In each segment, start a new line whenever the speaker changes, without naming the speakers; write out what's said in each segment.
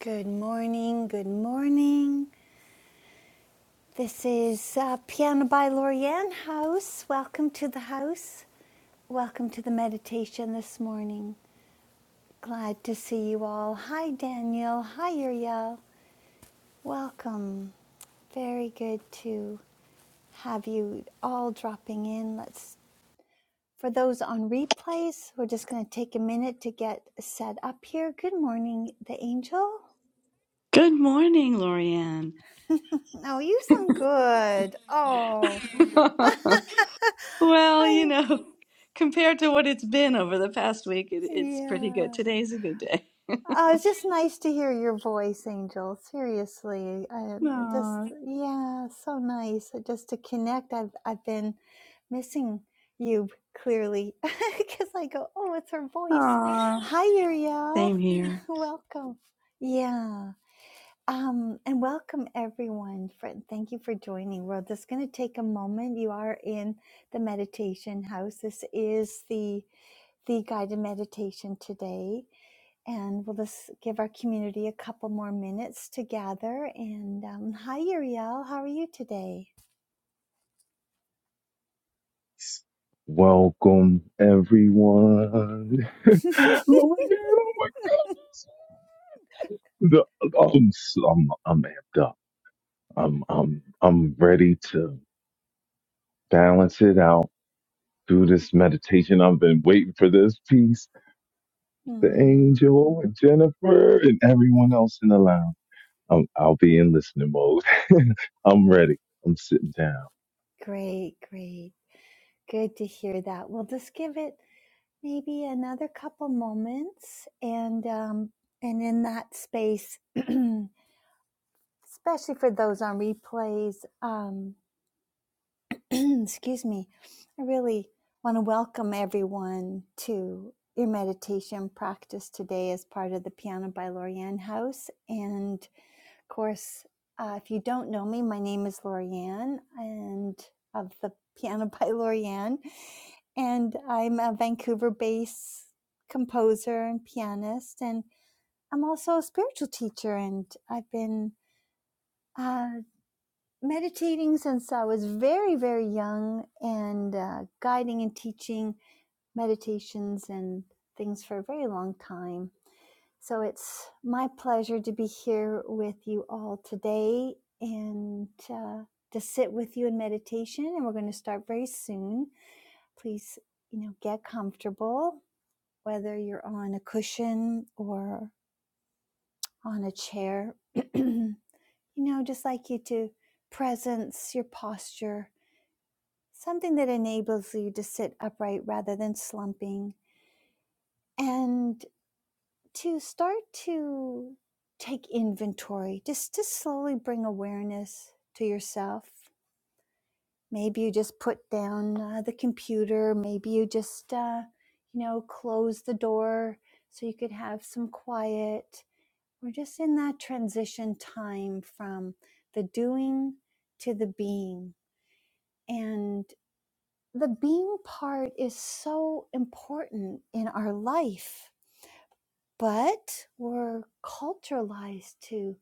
Good morning, good morning. This is uh, Piano by Lorianne House. Welcome to the house. Welcome to the meditation this morning. Glad to see you all. Hi, Daniel. Hi, Uriel. Welcome. Very good to have you all dropping in. Let's, for those on replays, we're just going to take a minute to get set up here. Good morning, the angel.
Good morning, Lorianne.
Oh, you sound good. Oh.
Well, you
I'm
know, compared to what it's been over the past week, it, it's pretty good.
yeah.
Today's a good day.
Oh, it's just nice to hear your voice, Angel. Seriously, I just
Aw,
yeah, so nice uh, just to connect. I've I've been missing you clearly because I go, oh, it's her voice.
aw.
Hi, Uriel.
Same here.
Welcome. Yeah. Um, and welcome everyone. For, thank you for joining. We're just going to take a moment. You are in the meditation house. This is the the guided meditation today, and we'll just give our community a couple more minutes to gather. And um, hi, Uriel. How are you today?
Welcome, everyone. Lorianne, oh my goodness. The- I'm, so- I'm, I'm amped up. I'm, I'm, I'm ready to balance it out through this meditation. I've been waiting for this piece. The
Hmm,
angel and Jennifer and everyone else in the lounge. I'm, I'll be in listening mode. I'm ready. I'm sitting down.
great, great. Good to hear that. We'll just give it maybe another couple moments, and um, and in that space. especially for those on replays. Um, excuse me. I really want to welcome everyone to your meditation practice today as part of the Piano by Lorianne House. And of course, uh, if you don't know me, my name is Lorianne and of the Piano by Lorianne. And I'm a Vancouver based composer and pianist. And I'm also a spiritual teacher, and I've been uh, meditating since I was very, very young and uh, guiding and teaching meditations and things for a very long time. So it's my pleasure to be here with you all today and uh, to sit with you in meditation. And we're going to start very soon. Please, you know, get comfortable, whether you're on a cushion or on a chair. you know, just like you to presence your posture something that enables you to sit upright rather than slumping and to start to take inventory just to slowly bring awareness to yourself maybe you just put down uh, the computer maybe you just uh, you know close the door so you could have some quiet we're just in that transition time from the doing to the being and the being part is so important in our life, but we're culturalized to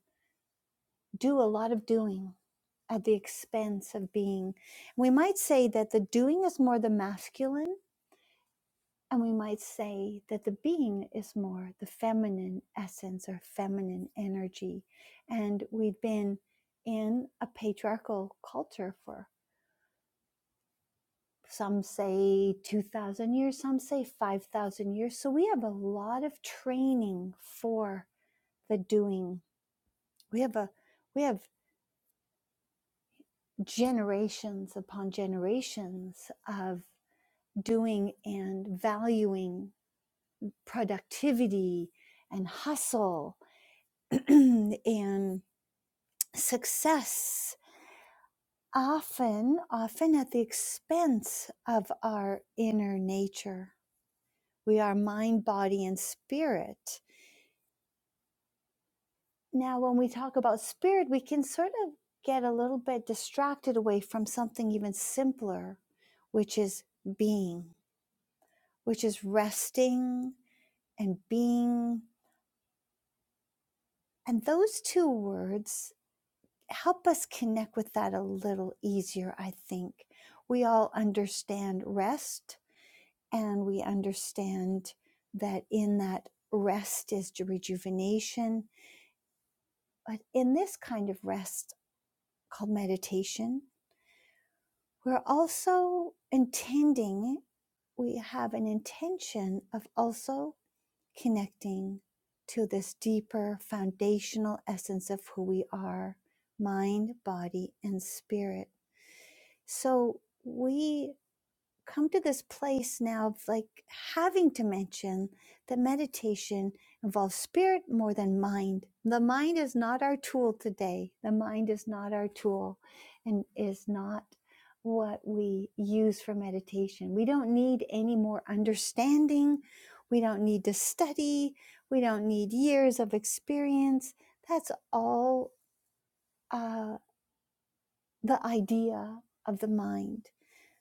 do a lot of doing at the expense of being. We might say that the doing is more the masculine, and we might say that the being is more the feminine essence or feminine energy. And we've been in a patriarchal culture for some say 2000 years some say 5000 years so we have a lot of training for the doing we have a we have generations upon generations of doing and valuing productivity and hustle and success often often at the expense of our inner nature we are mind body and spirit Now, when we talk about spirit, we can sort of get a little bit distracted away from something even simpler, which is being, which is resting and being. And those two words help us connect with that a little easier, I think. We all understand rest and we understand that in that rest is rejuvenation. But in this kind of rest called meditation, We're also intending, we have an intention of also connecting to this deeper foundational essence of who we are mind, body, and spirit. So we come to this place now of like having to mention that meditation involves spirit more than mind. The mind is not our tool today. The mind is not our tool and is not what we use for meditation. We don't need any more understanding. We don't need to study. We don't need years of experience. That's all uh, the idea of the mind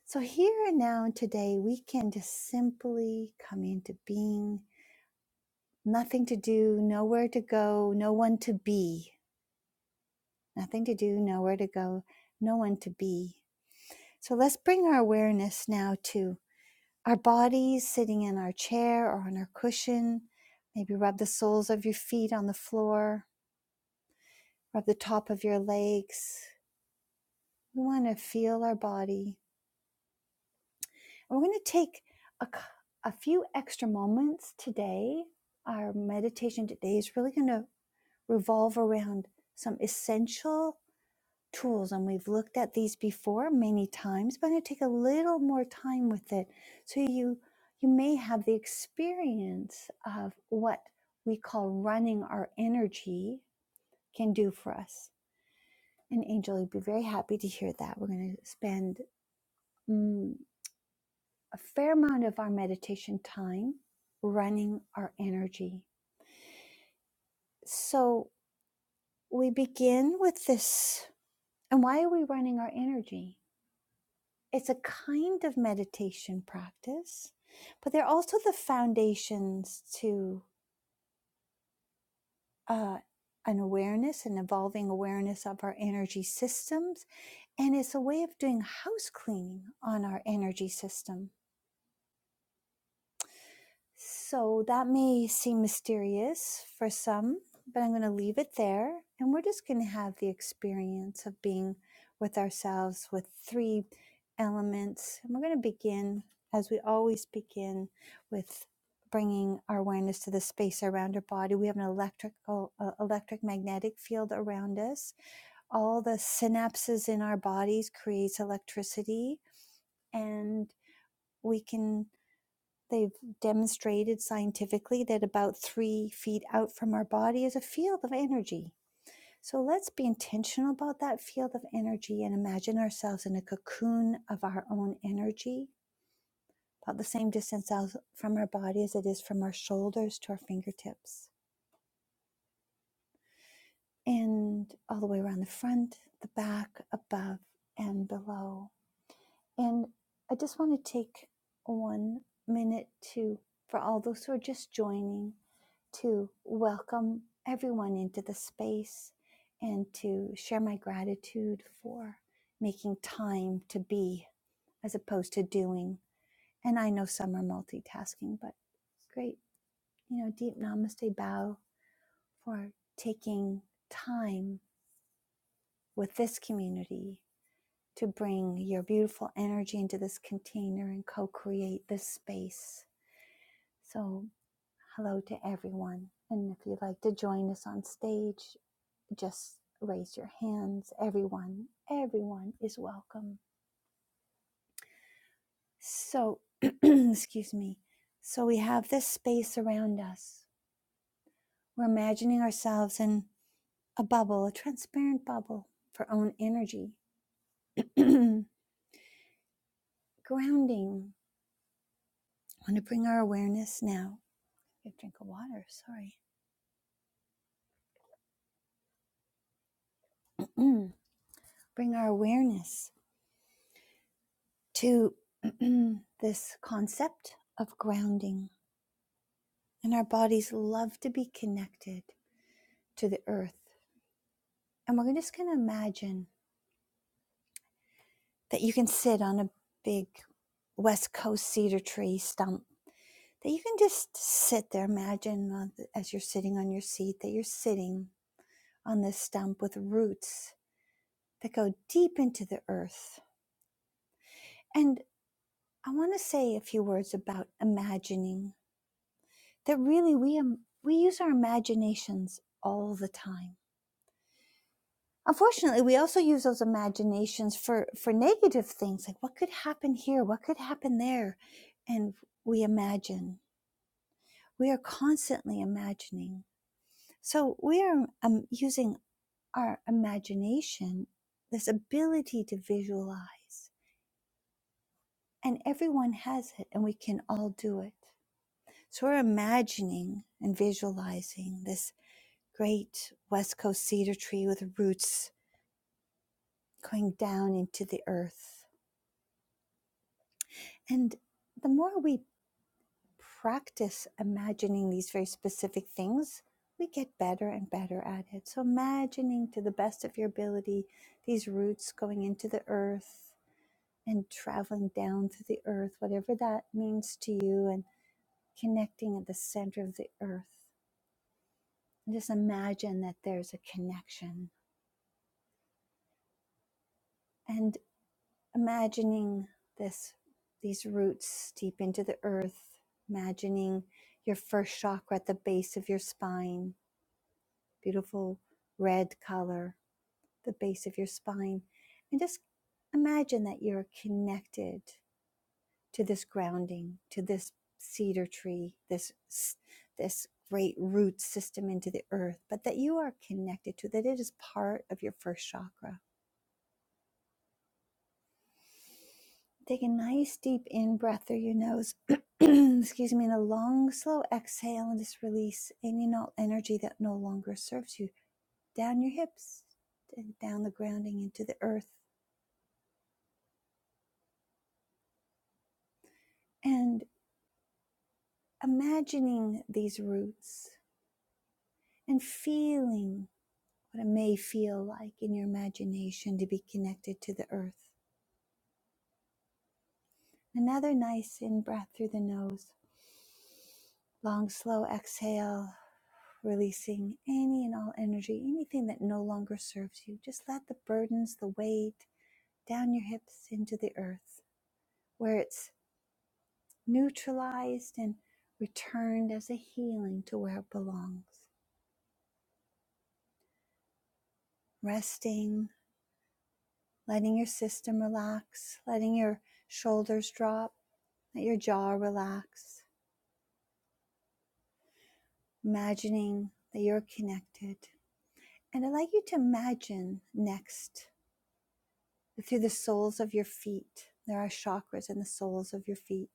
so, here and now and today, we can just simply come into being. Nothing to do, nowhere to go, no one to be. Nothing to do, nowhere to go, no one to be. So, let's bring our awareness now to our bodies sitting in our chair or on our cushion. Maybe rub the soles of your feet on the floor, rub the top of your legs. We want to feel our body We're going to take a a few extra moments today. Our meditation today is really going to revolve around some essential tools, and we've looked at these before many times, but I'm going to take a little more time with it so you you may have the experience of what we call running our energy can do for us. And Angel, you'd be very happy to hear that. We're going to spend mm, a fair amount of our meditation time running our energy. So we begin with this. And why are we running our energy? It's a kind of meditation practice, but they're also the foundations to uh, an awareness, an evolving awareness of our energy systems. And it's a way of doing house cleaning on our energy system So that may seem mysterious for some, but I'm going to leave it there. And we're just going to have the experience of being with ourselves with three elements. And we're going to begin, as we always begin, with bringing our awareness to the space around our body. We have an electrical, uh, electric magnetic field around us. All the synapses in our bodies creates electricity. And we can They've demonstrated scientifically that about three feet out from our body is a field of energy. So let's be intentional about that field of energy and imagine ourselves in a cocoon of our own energy, about the same distance out from our body as it is from our shoulders to our fingertips, and all the way around the front, the back, above, and below. And I just want to take one minute to, for all those who are just joining, to welcome everyone into the space and to share my gratitude for making time to be as opposed to doing. And I know some are multitasking, but great, you know, deep namaste bow for taking time with this community to bring your beautiful energy into this container and co create this space. So, hello to everyone. And if you'd like to join us on stage, just raise your hands. Everyone, everyone is welcome. So, excuse me. So, we have this space around us. We're imagining ourselves in a bubble, a transparent bubble for own energy. Grounding. I want to bring our awareness now. I drink of water, sorry mm, bring our awareness to this concept of grounding. And our bodies love to be connected to the earth. And we're just going to imagine that you can sit on a big West Coast cedar tree stump, that you can just sit there. Imagine as you're sitting on your seat that you're sitting on this stump with roots that go deep into the earth. And I want to say a few words about imagining that really we am, we use our imaginations all the time. Unfortunately, we also use those imaginations for for negative things like what could happen here, what could happen there, and we imagine. We are constantly imagining. So we are um, using our imagination, this ability to visualize, and everyone has it, and we can all do it. So we're imagining and visualizing this great West Coast cedar tree with roots going down into the earth. And the more we practice imagining these very specific things, we get better and better at it. So, imagining to the best of your ability these roots going into the earth and traveling down through the earth, whatever that means to you, and connecting at the center of the earth. And just imagine that there's a connection. and. imagining this these roots deep into the earth imagining your first chakra at the base of your spine beautiful red color the base of your spine and just imagine that you're connected to this grounding to this cedar tree this this great root system into the earth but that you are connected to that it is part of your first chakra Take a nice deep in breath through your nose, excuse me, and a long, slow exhale, and just release any and all energy that no longer serves you down your hips, and down the grounding into the earth, and imagining these roots and feeling what it may feel like in your imagination to be connected to the earth. Another nice in breath through the nose Long, slow exhale, releasing any and all energy, anything that no longer serves you. Just let the burdens, the weight down your hips into the earth where it's neutralized and returned as a healing to where it belongs. Resting, letting your system relax, letting your shoulders drop, let your jaw relax, imagining that you're connected. And I'd like you to imagine next Through the soles of your feet, there are chakras in the soles of your feet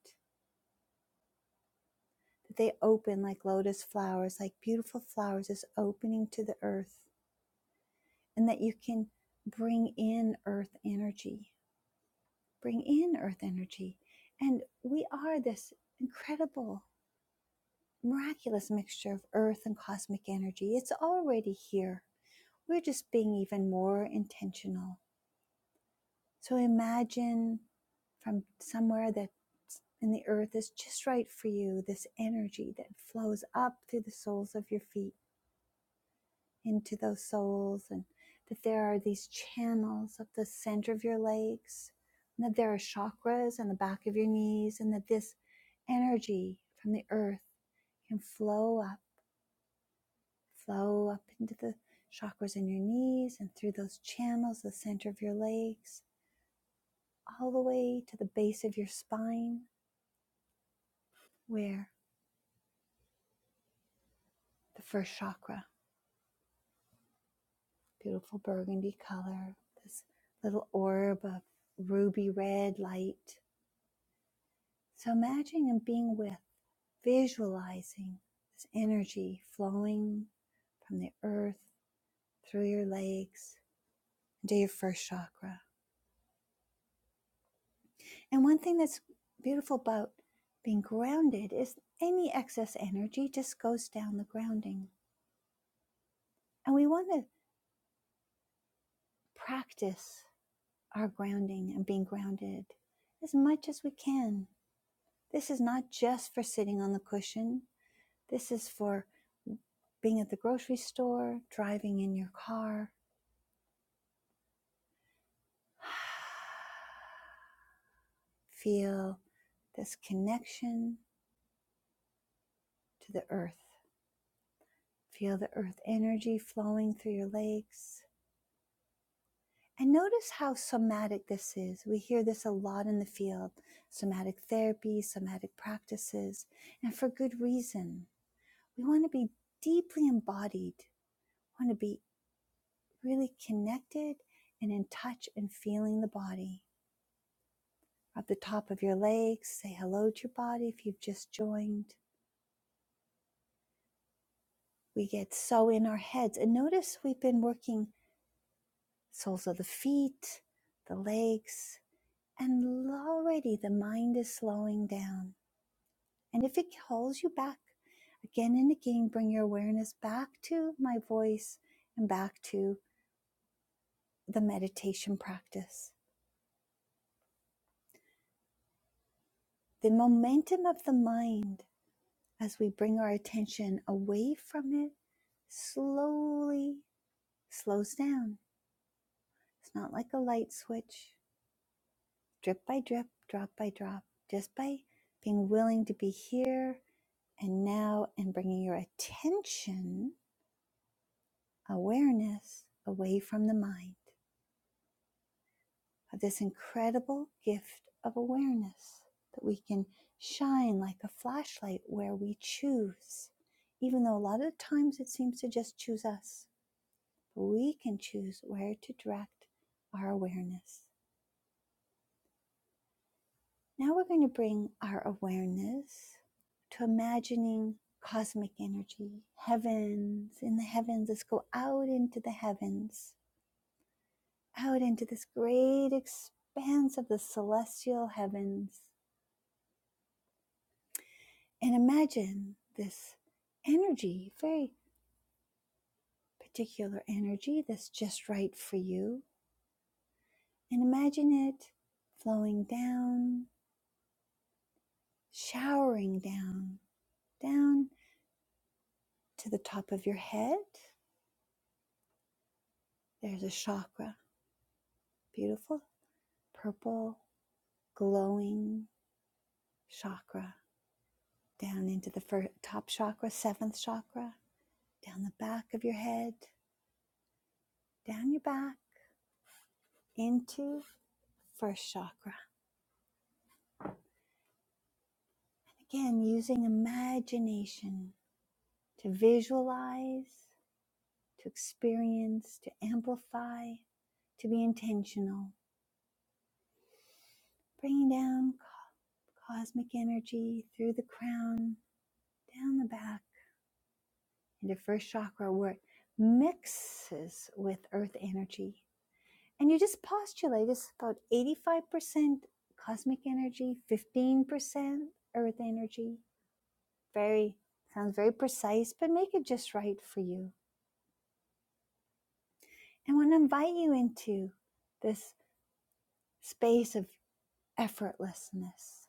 that they open like lotus flowers, like beautiful flowers, is opening to the earth, and that you can bring in earth energy, bring in earth energy. And we are this incredible, miraculous mixture of earth and cosmic energy. It's already here. We're just being even more intentional So imagine from somewhere that in the earth is just right for you, this energy that flows up through the soles of your feet into those soles, and that there are these channels up the center of your legs, and that there are chakras on the back of your knees, and that this energy from the earth can flow up, flow up into the chakras in your knees and through those channels, the center of your legs, all the way to the base of your spine, where the first chakra, beautiful burgundy color, this little orb of ruby red light. So imagine and being with, visualizing this energy flowing from the earth through your legs into your first chakra. And one thing that's beautiful about being grounded is any excess energy just goes down the grounding. And we want to practice our grounding and being grounded as much as we can. This is not just for sitting on the cushion, this is for being at the grocery store, driving in your car. Feel this connection to the earth. Feel the earth energy flowing through your legs. And notice how somatic this is. We hear this a lot in the field somatic therapy, somatic practices, and for good reason We want to be deeply embodied, We want to be really connected and in touch and feeling the body. At the top of your legs, say hello to your body if you've just joined. We get so in our heads. And notice we've been working soles of the feet, the legs, and already the mind is slowing down. And if it holds you back, again and again, bring your awareness back to my voice and back to the meditation practice the momentum of the mind as we bring our attention away from it slowly slows down. It's not like a light switch, drip by drip, drop by drop, just by being willing to be here and now and bringing your attention, awareness away from the mind. of this incredible gift of awareness that we can shine like a flashlight where we choose, even though a lot of times it seems to just choose us, but we can choose where to direct our awareness. Now we're going to bring our awareness to imagining cosmic energy, heavens, in the heavens. Let's go out into the heavens, out into this great expanse of the celestial heavens And imagine this energy, very particular energy that's just right for you. And imagine it flowing down, showering down, down to the top of your head. There's a chakra, beautiful purple, glowing chakra, down into the first, top chakra, seventh chakra, down the back of your head, down your back, into first chakra Again, using imagination to visualize, to experience, to amplify, to be intentional. Bringing down cosmic energy through the crown, down the back, into first chakra where it mixes with earth energy. And you just postulate it's about 85% cosmic energy, 15% earth energy. Very, sounds very precise, but make it just right for you I want to invite you into this space of effortlessness,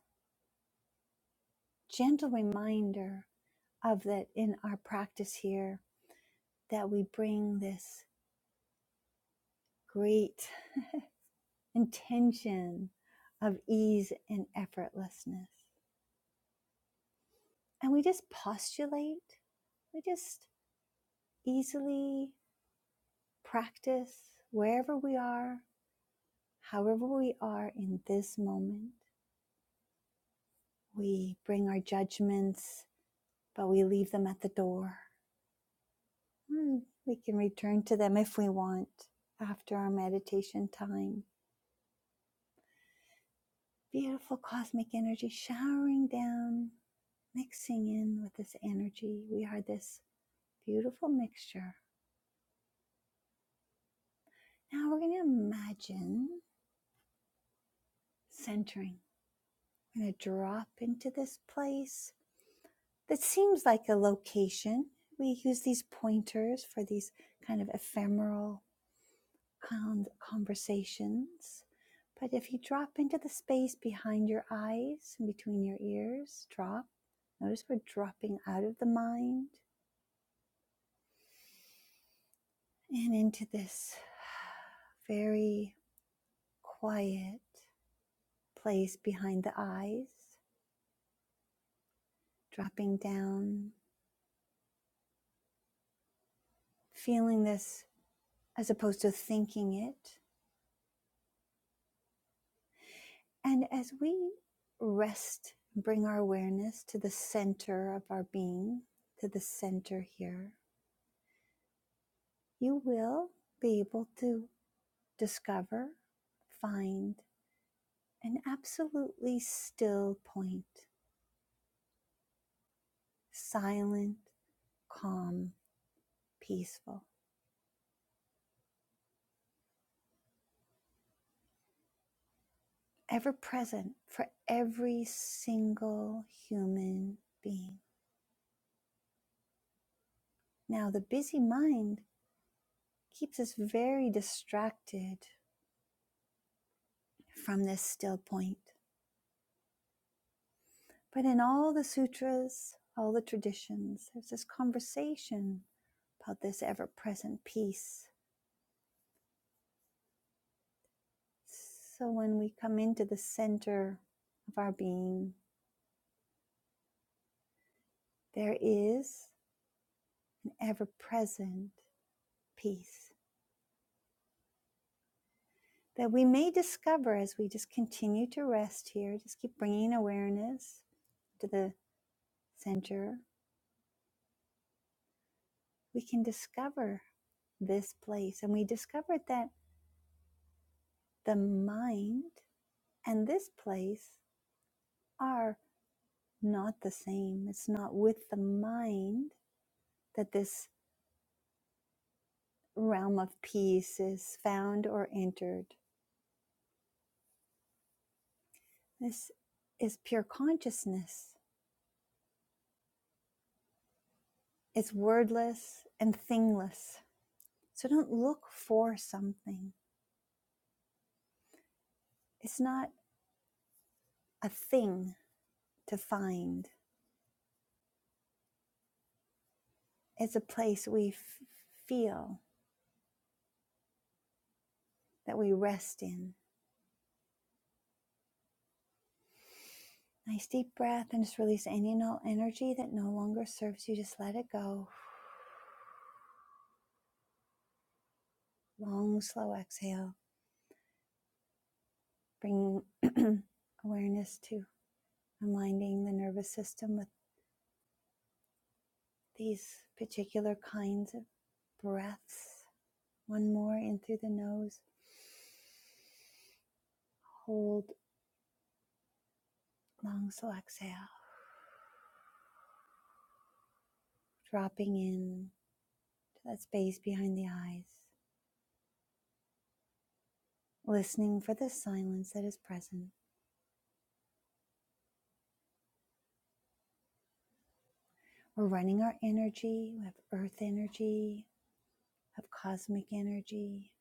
gentle reminder of that in our practice here, that we bring this great intention of ease and effortlessness. And we just postulate, we just easily practice wherever we are, however we are in this moment. We bring our judgments, but we leave them at the door Mm, We can return to them if we want after our meditation time. Beautiful cosmic energy showering down, mixing in with this energy. We are this beautiful mixture. Now we're going to imagine centering. We're going to drop into this place that seems like a location. We use these pointers for these kind of ephemeral con- conversations. But if you drop into the space behind your eyes and between your ears, drop. Notice we're dropping out of the mind and into this very quiet place behind the eyes, dropping down, feeling this as opposed to thinking it. And as we rest, bring our awareness to the center of our being, to the center here you will be able to discover, find an absolutely still point, silent, calm, peaceful, ever present for every single human being. Now, the busy mind keeps us very distracted from this still point. But in all the sutras, all the traditions, there's this conversation about this ever present peace So when we come into the center of our being, there is an ever present peace that we may discover as we just continue to rest here, just keep bringing awareness to the center. We can discover this place. And we discovered that the mind and this place are not the same. It's not with the mind that this realm of peace is found or entered. This is pure consciousness. It's wordless and thingless. So don't look for something. It's not a thing to find, it's a place we f- feel that we rest in. Nice deep breath and just release any and all energy that no longer serves you. Just let it go. Long, slow exhale, bringing awareness to reminding the nervous system with these particular kinds of breaths. One more in through the nose. Hold long, slow exhale, dropping in to that space behind the eyes, listening for the silence that is present. We're running our energy. We have earth energy, we have cosmic energy,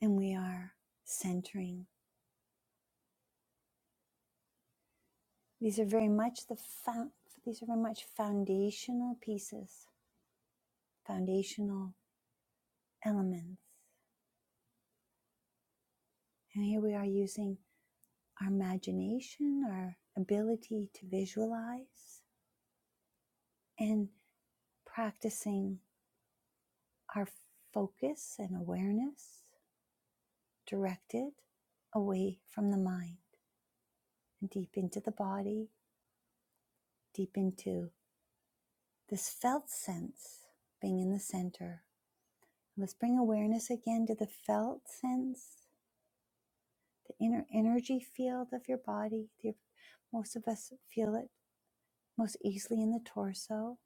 and we are centering. These are very much the found, these are very much foundational pieces, foundational elements. And here we are using our imagination, our ability to visualize, and practicing our focus and awareness directed away from the mind and deep into the body, deep into this felt sense being in the center. Let's bring awareness again to the felt sense, the inner energy field of your body. most of us feel it most easily in the torso.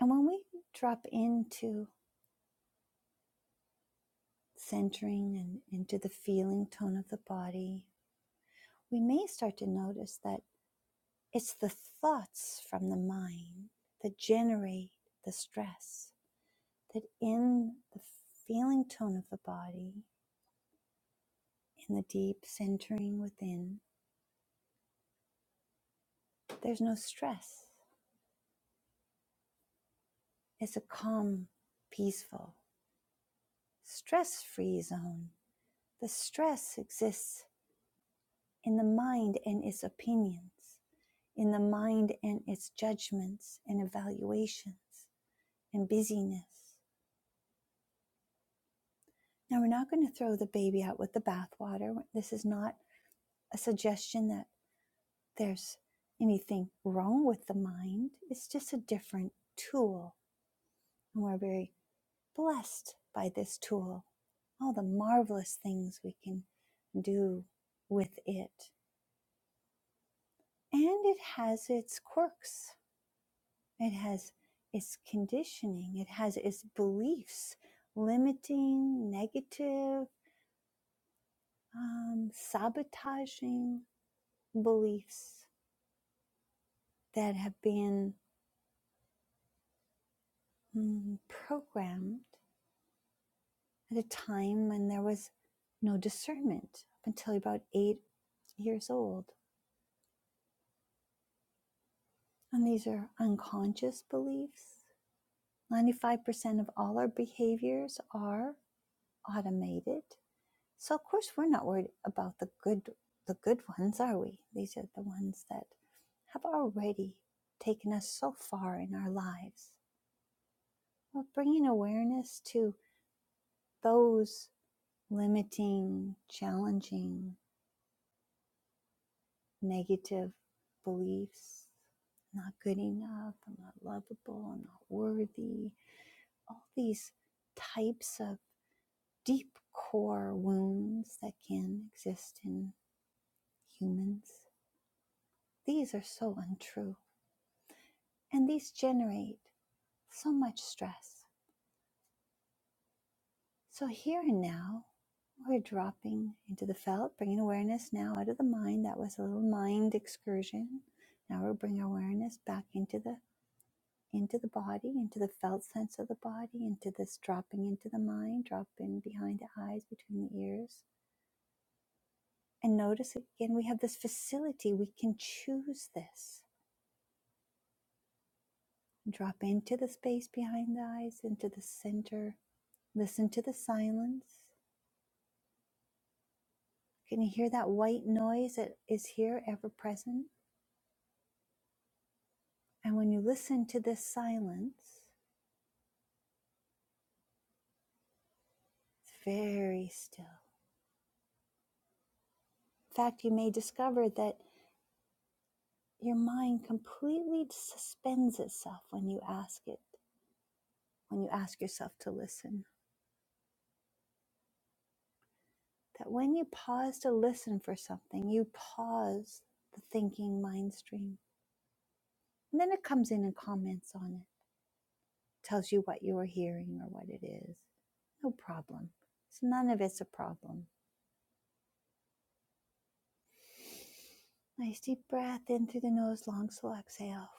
And when we drop into centering and into the feeling tone of the body, we may start to notice that it's the thoughts from the mind that generate the stress. That in the feeling tone of the body, in the deep centering within, there's no stress. It's a calm, peaceful, stress free zone. The stress exists in the mind and its opinions in the mind and its judgments and evaluations and busyness. Now, we're not going to throw the baby out with the bathwater. This is not a suggestion that there's anything wrong with the mind, it's just a different tool. And we're very blessed by this tool, all the marvelous things we can do with it. And it has its quirks It has its conditioning, it has its beliefs, limiting, negative, um, sabotaging beliefs that have been mm, programmed at a time when there was no discernment up until about eight years old. And these are unconscious beliefs. 95% of all our behaviors are automated. So of course we're not worried about the good the good ones, are we? These are the ones that have already taken us so far in our lives. But bringing awareness to those limiting, challenging, negative beliefs, not good enough, I'm not lovable, I'm not worthy, all these types of deep core wounds that can exist in humans. These are so untrue And these generate so much stress. So here and now, we're dropping into the felt, bringing awareness now out of the mind. That was a little mind excursion. Now we're bringing awareness back into the into the body, into the felt sense of the body, into this dropping into the mind, drop in behind the eyes, between the ears. And notice again, we have this facility. We can choose this. Drop into the space behind the eyes, into the center. Listen to the silence Can you hear that white noise that is here, ever present? And when you listen to this silence, it's very still. In fact, you may discover that your mind completely suspends itself when you ask it, when you ask yourself to listen. That when you pause to listen for something, you pause the thinking mind stream. And then it comes in and comments on it, tells you what you are hearing or what it is. No problem. It's none of it's a problem. Nice deep breath in through the nose, long, slow exhale.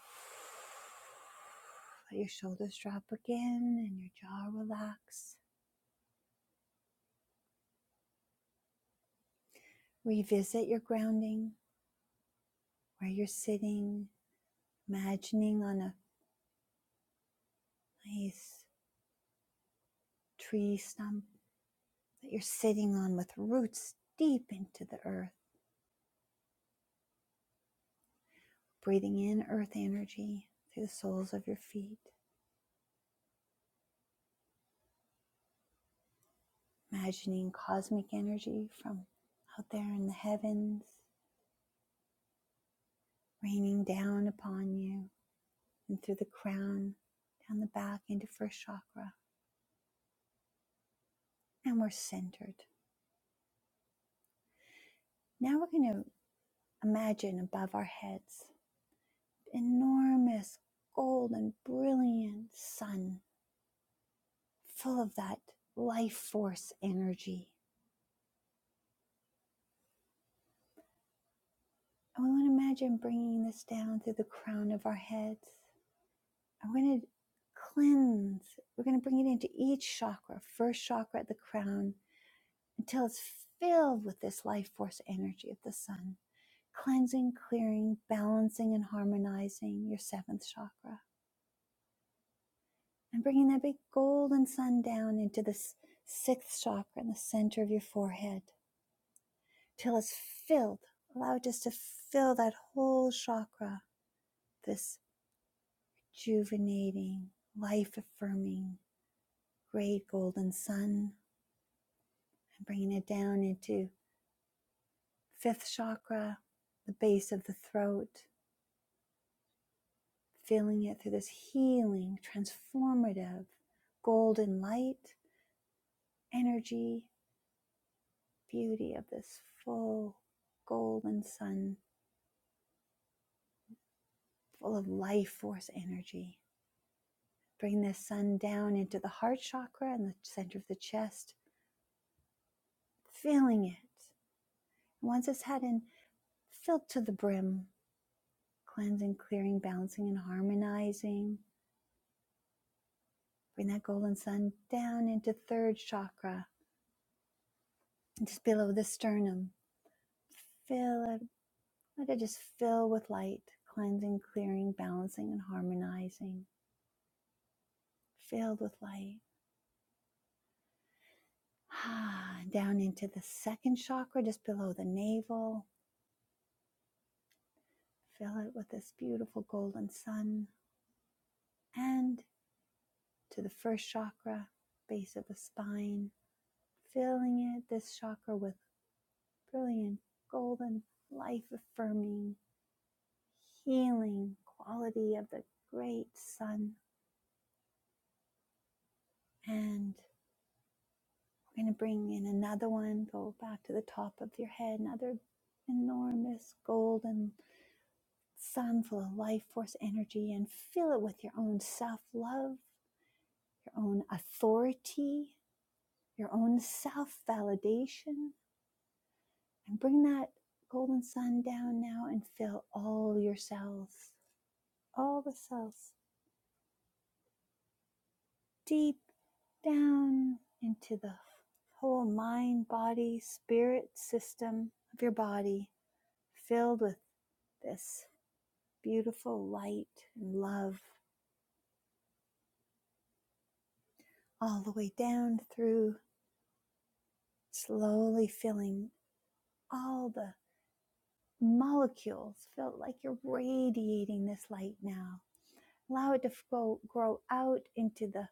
Let your shoulders drop again and your jaw relax. Revisit your grounding, where you're sitting, imagining on a nice tree stump that you're sitting on with roots deep into the earth. Breathing in earth energy through the soles of your feet, imagining cosmic energy from out there in the heavens raining down upon you and through the crown, down the back into first chakra. And we're centered. Now we're going to imagine above our heads enormous gold and brilliant sun full of that life force energy. And we want to imagine bringing this down through the crown of our heads. And we're going to cleanse. We're going to bring it into each chakra, first chakra at the crown, until it's filled with this life force energy of the sun. cleansing, clearing, balancing, and harmonizing your seventh chakra. And bringing that big golden sun down into this sixth chakra in the center of your forehead till it's filled. Allow it just to fill that whole chakra, this rejuvenating, life affirming, great golden sun. And bringing it down into fifth chakra, the base of the throat, Filling it through this healing, transformative, golden light, energy, beauty of this full golden sun, full of life force energy. Bring this sun down into the heart chakra and the center of the chest, filling it. Once it's had in, filled to the brim, cleansing, clearing, balancing, and harmonizing. Bring that golden sun down into third chakra, just below the sternum. fill it Let it just fill with light, cleansing, clearing, balancing, and harmonizing. Filled with light. Ah, down into the second chakra, just below the navel. Fill it with this beautiful golden sun. And to the first chakra, base of the spine. Filling it, this chakra, with brilliant, golden, life affirming, healing quality of the great sun. And We're going to bring in another one, go back to the top of your head, another enormous golden sun full of life force energy, and fill it with your own self love, your own authority, your own self validation. And bring that golden sun down now and fill all your cells, all the cells, deep down into the whole mind, body, spirit system of your body, filled with this beautiful light and love all the way down through, slowly filling all the molecules. Feel like you're radiating this light now. Allow it to grow, grow out into the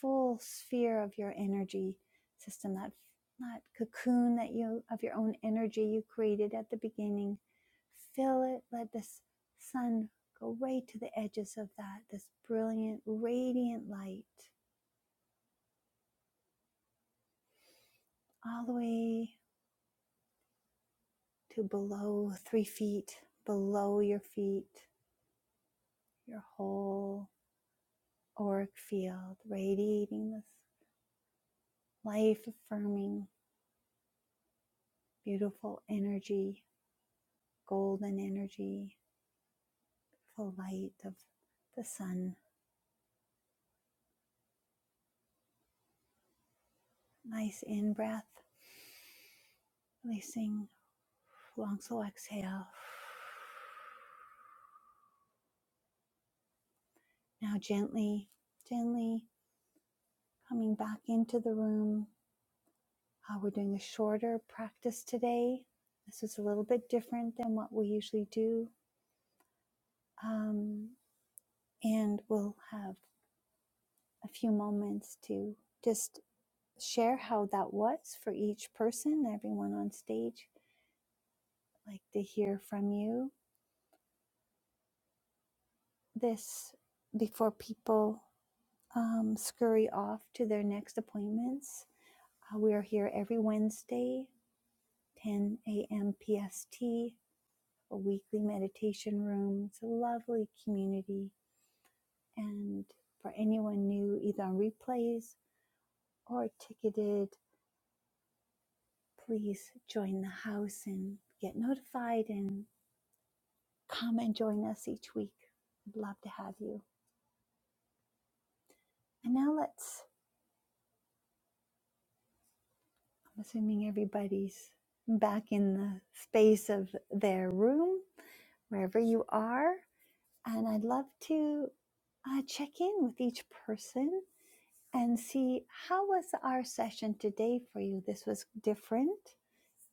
full sphere of your energy system, that, that cocoon that you of your own energy you created at the beginning. Fill it, let this sun go right to the edges of that, this brilliant, radiant light all the way to below three feet, below your feet, your whole auric field, radiating this life affirming, beautiful energy, golden energy, full light of the sun. Nice in breath, releasing long, slow exhale. Now, gently, gently coming back into the room, Uh, we're doing a shorter practice today. This is a little bit different than what we usually do. Um, and we'll have a few moments to just share how that was for each person, everyone on stage. I'd like to hear from you this before people um, scurry off to their next appointments. Uh, we are here every Wednesday, 10 a.m. PST, a weekly meditation room. It's a lovely community And for anyone new, either on replays or ticketed, please join the house and get notified and come and join us each week. I'd love to have you. And now let's, I'm assuming everybody's back in the space of their room, wherever you are. And I'd love to uh, check in with each person and see how was our session today for you. This was different.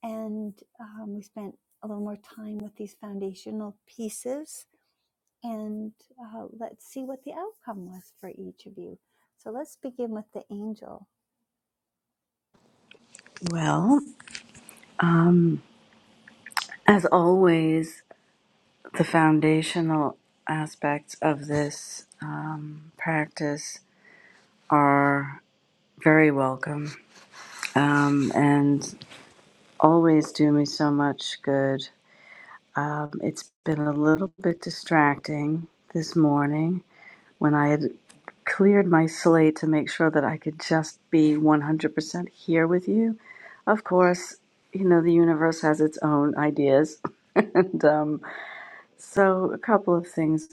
and um, we spent a little more time with these foundational pieces and uh, let's see what the outcome was for each of you so let's begin with the angel
Well, um, as always, the foundational aspects of this um, practice are very welcome um, and always do me so much good. Um, it's been a little bit distracting this morning when I had cleared my slate to make sure that I could just be 100% here with you. Of course, you know, the universe has its own ideas. and um, so a couple of things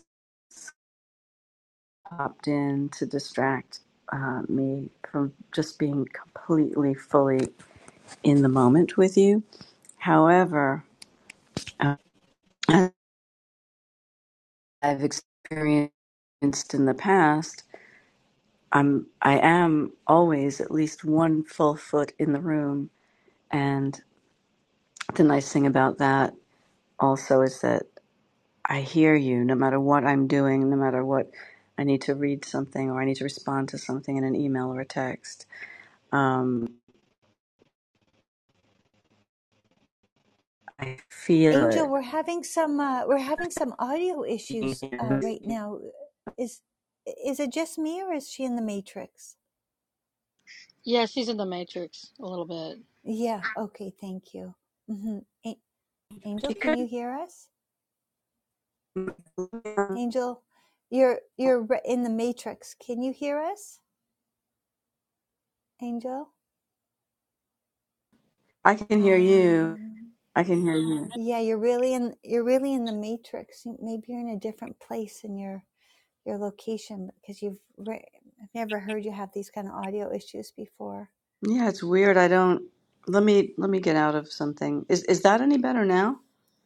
popped in to distract uh, me from just being completely, fully in the moment with you. However, uh, as I've experienced in the past, I'm I am always at least one full foot in the room. And the nice thing about that also is that I hear you no matter what I'm doing, no matter what I need to read something or I need to respond to something in an email or a text. Um, I feel
angel
it.
we're having some uh, we're having some audio issues uh, right now is is it just me or is she in the matrix
Yeah, she's in the Matrix a little bit.
yeah okay thank you hmm A- angel can you hear us angel you're you're re- in the matrix can you hear us angel
I can hear you.
um
I can hear you.
Yeah, you're really in you're really in the matrix. You- Maybe you're in a different place in your your location because you've re- I've never heard you have these kind of audio issues before.
Yeah, it's weird. I don't. Let me let me get out of something. Is is that any better now?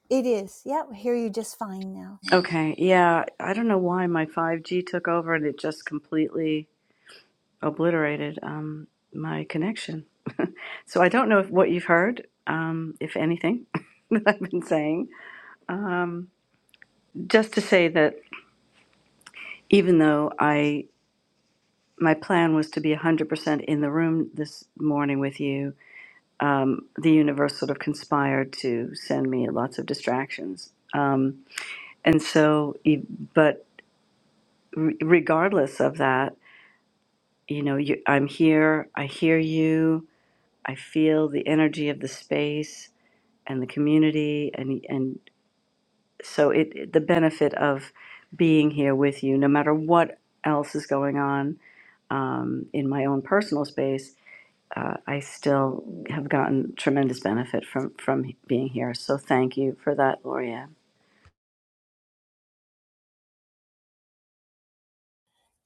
It is. Yep, hear you just fine now.
Okay, yeah, I don't know why my 5G took over and it just completely obliterated um, my connection. So I don't know if what you've heard, um, if anything, that I've been saying. Um, just to say that even though I my plan was to be 100% in the room this morning with you, um, the universe sort of conspired to send me lots of distractions. Um, and so, e- but re- regardless of that. you know you, i'm here i hear you i feel the energy of the space and the community and and so it it- the benefit of being here with you no matter what else is going on um, in my own personal space uh, i still have gotten tremendous benefit from from being here so thank you for that Loria.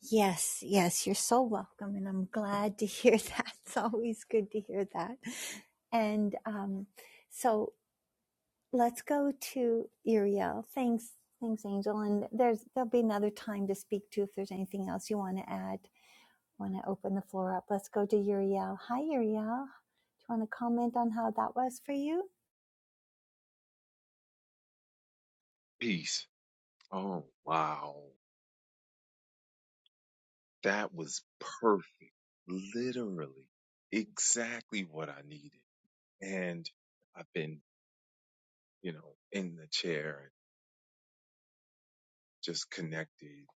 Yes, yes, you're so welcome and I'm glad to hear that. It's always good to hear that. And um so let's go to Uriel. Thanks, thanks Angel and there's there'll be another time to speak to if there's anything else you want to add. I want to open the floor up. Let's go to Uriel. Hi, Uriel. Do you want to comment on how that was for you?
Peace. Oh, wow. That was perfect. Literally exactly what I needed. And I've been, you know, in the chair and just connected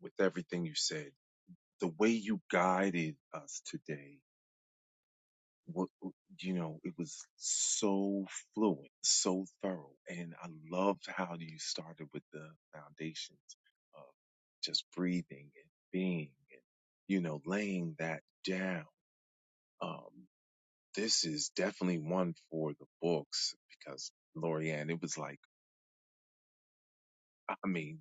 with everything you said. The way you guided us today, what, you know, it was so fluent, so thorough. And I loved how you started with the foundations of just breathing and being and, you know, laying that down. Um, this is definitely one for the books because Lorianne, it was like, I mean,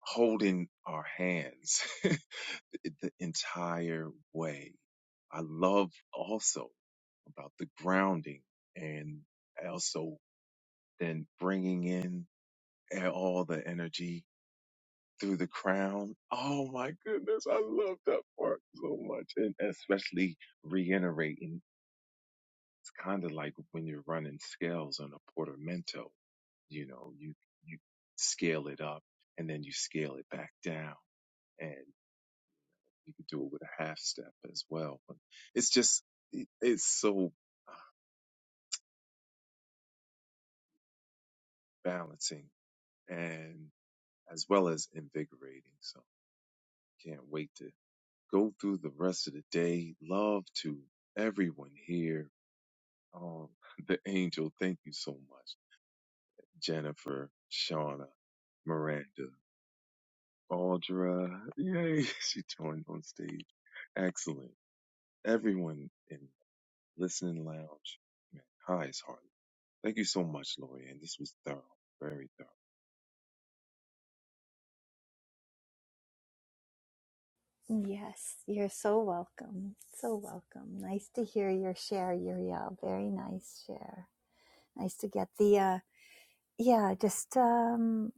holding our hands the the entire way. I love also about the grounding and also then bringing in all the energy through the crown. Oh my goodness. I love that part so much. And especially reiterating. It's kind of like when you're running scales on a portamento you know you you scale it up and then you scale it back down and you could do it with a half step as well but it's just it- it's so uh, balancing and as well as invigorating so can't wait to go through the rest of the day love to everyone here um the angel thank you so much jennifer shauna miranda Baldra, yay, she joined on stage. Excellent. everyone in listening lounge. Man, hi, it's Harley. Thank you so much, Lori Ann. This was thorough, very thorough.
Yes, you're so welcome. So welcome. Nice to hear your share, Uriel. Very nice share. Nice to get the, uh, yeah, just, um,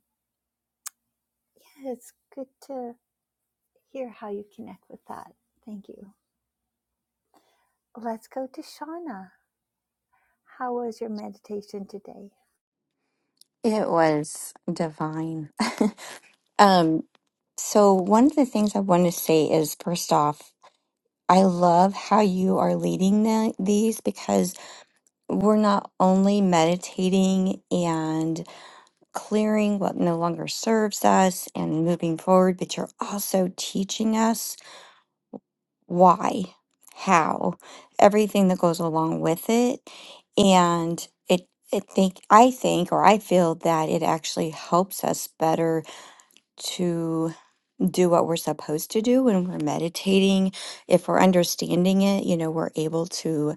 yeah, it's good to hear how you connect with that. Thank you. Let's go to Shauna. How was your meditation today?
It was divine. um, so one of the things I want to say is first off, I love how you are leading the, these because we're not only meditating and clearing what no longer serves us and moving forward, but you're also teaching us why, how, everything that goes along with it. And it, it think I think or I feel that it actually helps us better to do what we're supposed to do when we're meditating. If we're understanding it, you know, we're able to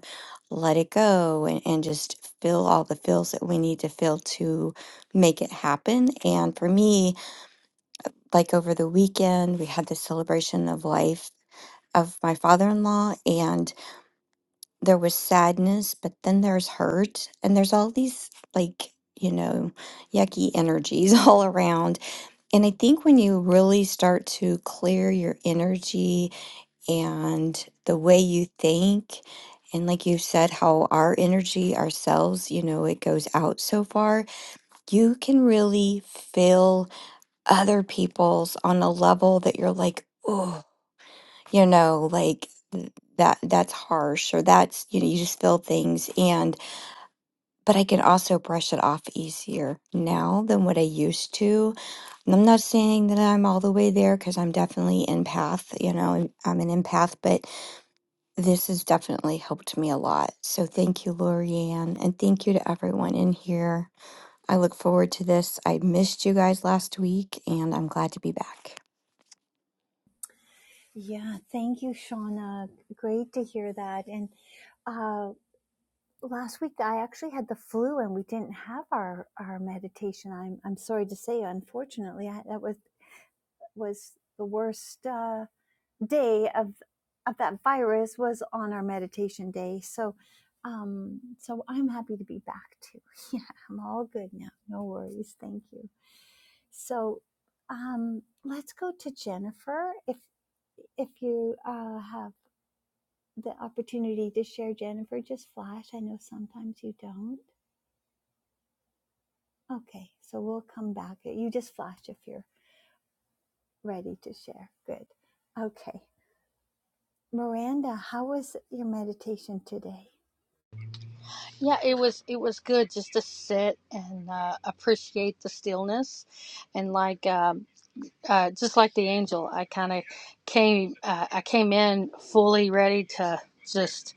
let it go and, and just feel all the feels that we need to feel to make it happen. And for me, like over the weekend, we had the celebration of life of my father in law, and there was sadness, but then there's hurt, and there's all these like, you know, yucky energies all around and I think when you really start to clear your energy and the way you think, and like you said, how our energy ourselves, you know, it goes out so far, you can really feel other people's on a level that you're like, oh, you know, like th- that that's harsh or that's you know you just feel things and but i can also brush it off easier now than what i used to and I'm not saying that I'm all the way there because I'm definitely empath, you know, and I'm an empath, but this has definitely helped me a lot. So thank you, Lorianne, and thank you to everyone in here. I look forward to this. I missed you guys last week, and I'm glad to be back.
Yeah, thank you, Shauna. Great to hear that. And uh. last week I actually had the flu and we didn't have our our meditation. I'm I'm sorry to say, unfortunately, I, that was was the worst uh, day of of that virus was on our meditation day. So, um, so I'm happy to be back too. Yeah, I'm all good now. No worries. Thank you. So, um, let's go to Jennifer. If if you uh, have the opportunity to share, Jennifer, just flash. I know sometimes you don't. Okay, so we'll come back. You just flash if you're ready to share. Good. Okay. Miranda, how was your meditation today?
Yeah, it was it was good just to sit and uh, appreciate the stillness, and like um, uh, just like the angel, I kind of came uh, I came in fully ready to just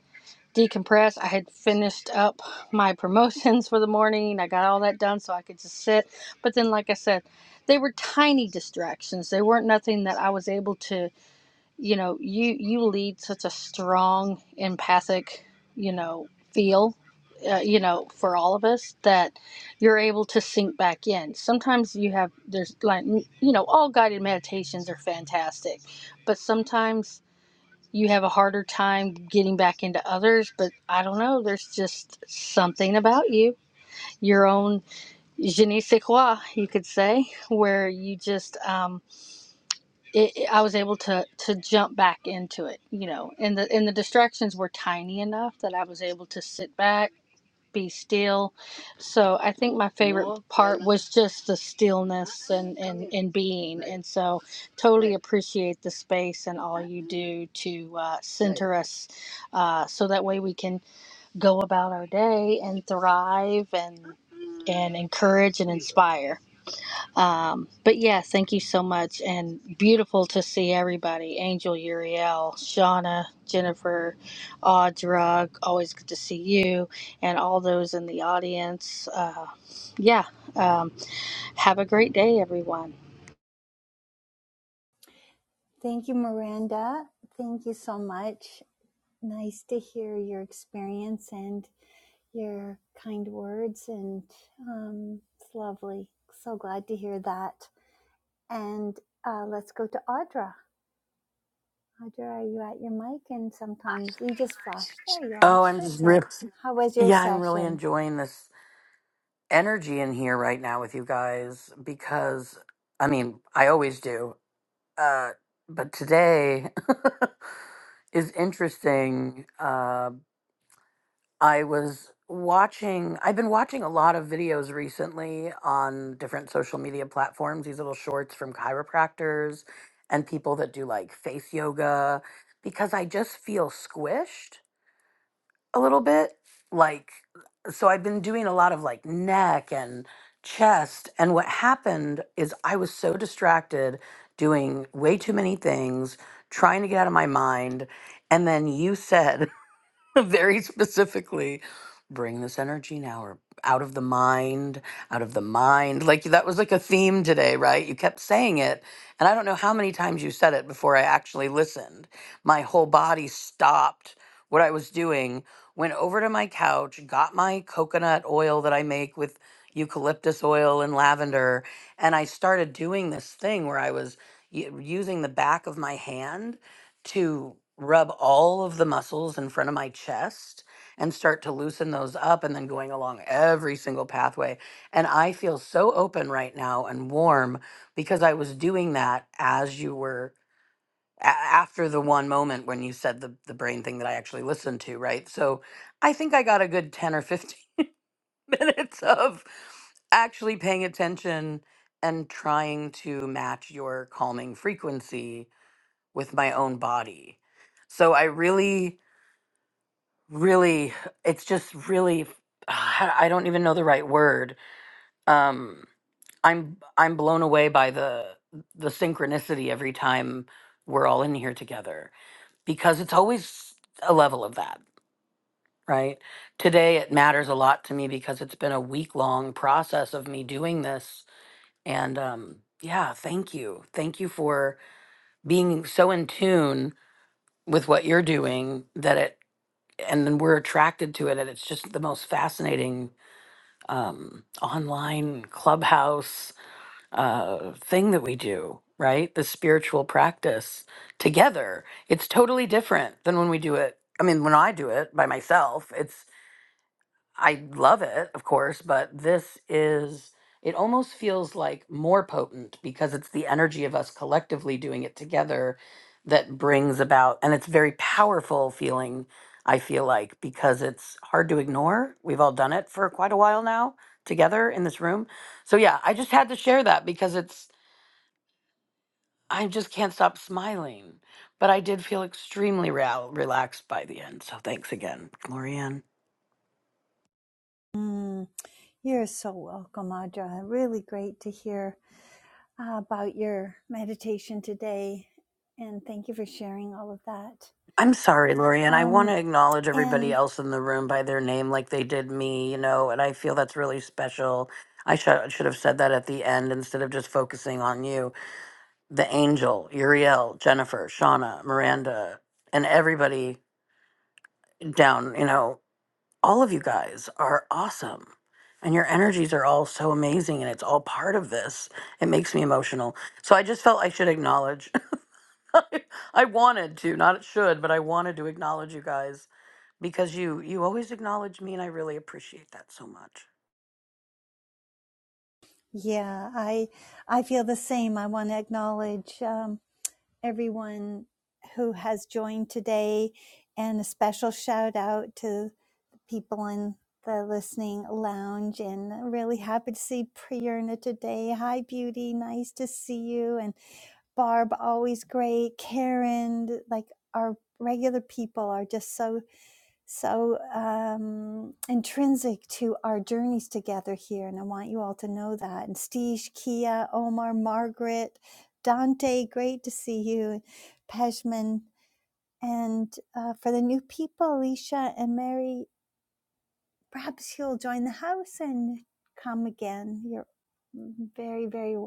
decompress. I had finished up my promotions for the morning. I got all that done so I could just sit. But then, like I said, they were tiny distractions. They weren't nothing that I was able to. you know you you lead such a strong empathic you know feel uh, you know for all of us that you're able to sink back in sometimes you have there's like you know all guided meditations are fantastic but sometimes you have a harder time getting back into others but i don't know there's just something about you your own je ne sais quoi you could say where you just um it, it- I was able to to jump back into it, you know, and the and the distractions were tiny enough that I was able to sit back, be still. So I think my favorite part was just the stillness and and and being, and so totally appreciate the space and all you do to uh, center us, uh, so that way we can go about our day and thrive and and encourage and inspire. Um, but yeah, thank you so much. And beautiful to see everybody Angel, Uriel, Shauna, Jennifer, Audra. Always good to see you and all those in the audience. Uh, yeah. Um, have a great day, everyone.
Thank you, Miranda. Thank you so much. Nice to hear your experience and your kind words, and um, it's lovely. So glad to hear that. And uh, let's go to Audra. Audra, are you at your mic? And sometimes you just flash. There you are.
Oh, I'm
Sure,
just
sure.
ripped.
How was your
Yeah, I'm really
session?
enjoying this energy in here right now with you guys because I mean, I always do. Uh but today is interesting. Uh I was watching I've been watching a lot of videos recently on different social media platforms, these little shorts from chiropractors and people that do like face yoga because I just feel squished a little bit. Like, so I've been doing a lot of like neck and chest. And what happened is I was so distracted doing way too many things, trying to get out of my mind. And then you said, very specifically bring this energy now or out of the mind out of the mind like that was like a theme today right you kept saying it and i don't know how many times you said it before i actually listened my whole body stopped what i was doing went over to my couch got my coconut oil that i make with eucalyptus oil and lavender and i started doing this thing where i was u- using the back of my hand to rub all of the muscles in front of my chest and start to loosen those up and then going along every single pathway. And I feel so open right now and warm because I was doing that as you were a- after the one moment when you said the, the brain thing that I actually listened to, right? So I think I got a good 10 or 15 minutes of actually paying attention and trying to match your calming frequency with my own body. So I really, really, it's just really, I don't even know the right word. Um, I'm I'm blown away by the the synchronicity every time we're all in here together because it's always a level of that, right? Today it matters a lot to me because it's been a week long process of me doing this, and um, yeah, thank you, thank you for being so in tune with what you're doing that it and then we're attracted to it and it's just the most fascinating um, online clubhouse uh, thing that we do right the spiritual practice together it's totally different than when we do it i mean when i do it by myself it's. I love it, of course, but this is it almost feels like more potent because it's the energy of us collectively doing it together that brings about and it's very powerful feeling I feel like because it's hard to ignore. We've all done it for quite a while now together in this room. So yeah, I just had to share that because it's I just can't stop smiling. But I did feel extremely rel- relaxed by the end. So thanks again, Glorianne.
Mm, You're so welcome, Audra. Really great to hear uh, about your meditation today. And thank you for sharing all of that.
I'm sorry, Lori, and I want
Um,
to acknowledge everybody
and
else in the room by their name like they did me, you know, and I feel that's really special. I should should have said that at the end instead of just focusing on you. The angel, Uriel, Jennifer, Shauna, Miranda, and everybody down, you know, all of you guys are awesome. And your energies are all so amazing and it's all part of this. It makes me emotional. So I just felt I should acknowledge. I wanted to, not it should, but I wanted to acknowledge you guys because you you always acknowledge me and I really appreciate that so much.
yeah, I, I feel the same. I want to acknowledge um, everyone who has joined today and a special shout out to the people in the listening lounge and really happy to see Priyerna today. Hi, beauty. Nice to see you. And. Barb, always great. Karen, like our regular people are just so, so um, intrinsic to our journeys together here. And I want you all to know that. And Steesh, Kia, Omar, Margaret, Dante, great to see you. Pejman. And uh, for the new people, Alicia and Mary, perhaps you'll join the house and come again. You're very, very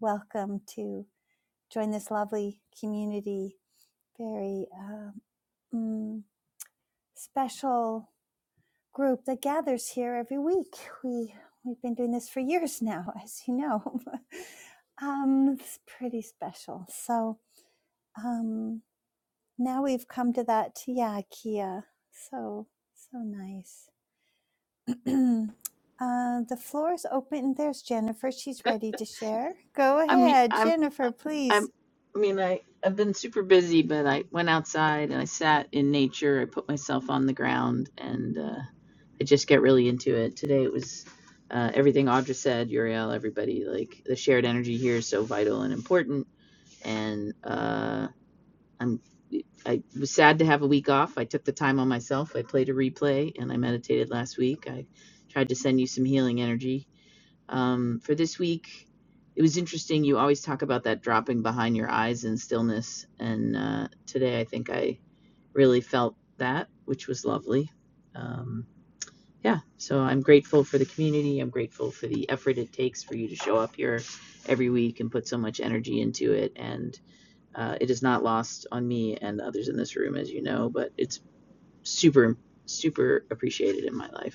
welcome to join this lovely community very uh, mm, special group that gathers here every week. We we've been doing this for years now, as you know. um, it's pretty special. So um, now we've come to that. Yeah, Kia. So so nice. Uh, the floor is open. There's Jennifer. She's ready to share. Go
I mean,
ahead,
I'm,
Jennifer,
I'm,
please.
I mean, I, I've been super busy, but I went outside and I sat in nature. I put myself on the ground and uh, I just get really into it. Today it was uh, everything Audra said, Uriel, everybody, like the shared energy here is so vital and important. And uh, I'm, I was sad to have a week off. I took the time on myself. I played a replay and I meditated last week. I tried to send you some healing energy um, for this week, it was interesting. You always talk about that dropping behind your eyes and stillness. And uh, today, I think I really felt that, which was lovely. Um, yeah, so I'm grateful for the community. I'm grateful for the effort it takes for you to show up here every week and put so much energy into it. And uh, it is not lost on me and others in this room, as you know, but it's super, super appreciated in my life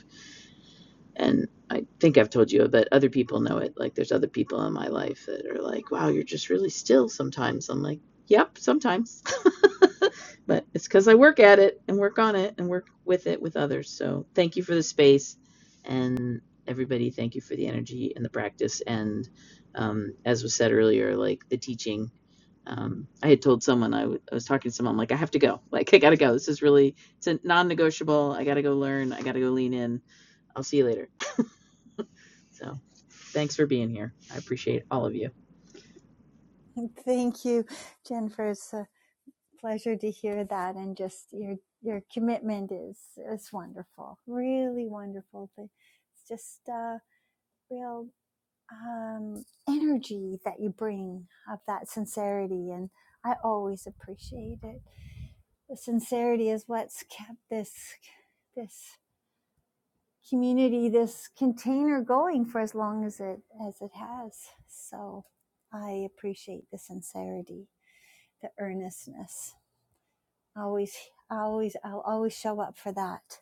and I think I've told you, but other people know it. Like there's other people in my life that are like, "Wow, you're just really still sometimes." I'm like, "Yep, sometimes." but it's cuz I work at it and work on it and work with it with others. So, thank you for the space and everybody thank you for the energy and the practice and um, as was said earlier, like the teaching um, I had told someone I w- I was talking to someone I'm like I have to go like I gotta go this is really it's a non-negotiable I gotta go learn I gotta go lean in I'll see you later so Thanks for being here. I appreciate all of you.
Thank you. Jennifer. pleasure to hear that and just your your commitment is is wonderful really wonderful it's just a real um, energy that you bring of that sincerity and i always appreciate it the sincerity is what's kept this this community this container going for as long as it as it has so i appreciate the sincerity the earnestness always always i'll always show up for that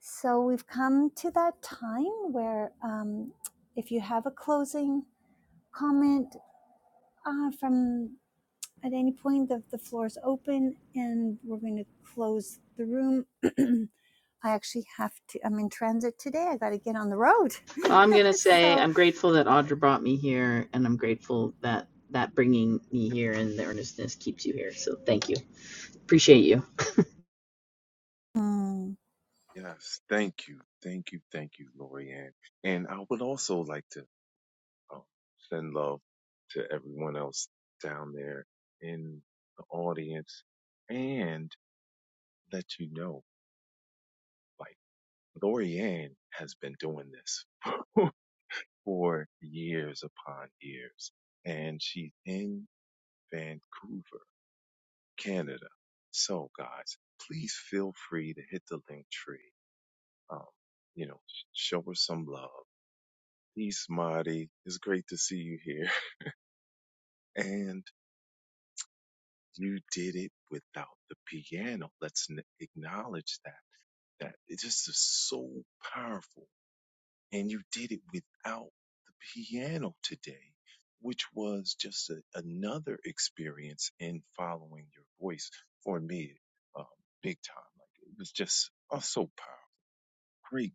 so we've come to that time where um, if you have a closing comment uh, from at any point the, the floor is open and we're going to close the room i actually have to i'm in transit today i got to get on the road
I'm going to say
so
I'm grateful that Audra brought me here, and I'm grateful that that bringing me here and the earnestness keeps you here. So thank you. Appreciate you.
Mm,
Yes, thank you, thank you, thank you, Lori Ann. And I would also like to um, send love to everyone else down there in the audience and let you know, like Lori Ann has been doing this for years upon years, and she's in Vancouver Canada. So, guys, please feel free to hit the link tree. Um, you know, show her some love. Peace, Marty. It's great to see you here. And you did it without the piano. Let's n- acknowledge that. That it just is so powerful. And you did it without the piano today, which was just a, another experience in following your voice for me, um, big time. Like it was just oh, so powerful. great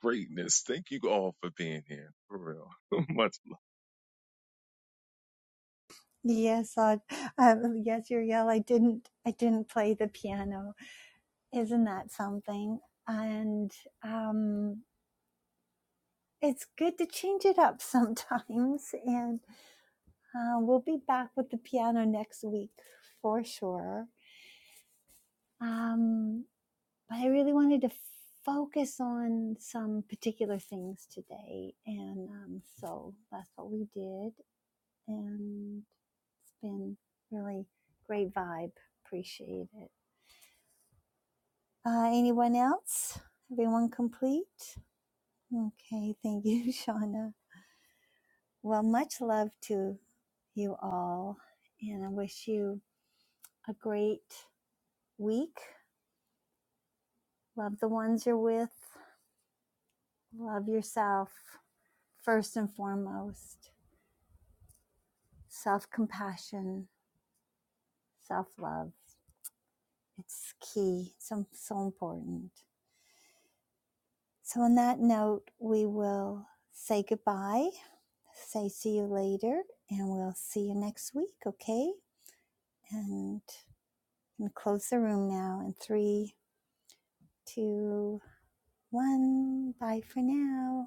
greatness. Thank you all for being here. For real. Much
yes, I, um, yes, Uriel, I didn't, I didn't play the piano. Isn't that something? And um, it's good to change it up sometimes. And uh, we'll be back with the piano next week for sure. Um, but I really wanted to focus on some particular things today. And um, so that's what we did. And it's been really great vibe. Appreciate it. Uh, anyone else? Everyone complete? Okay, thank you, Shauna. Well, much love to you all, and I wish you a great week. Love the ones you're with, love yourself first and foremost. Self compassion, self love. It's key, it's so, so important. So, on that note, we will say goodbye, say see you later, and we'll see you next week, okay? And I'm gonna close the room now in three, two, one. Bye for now.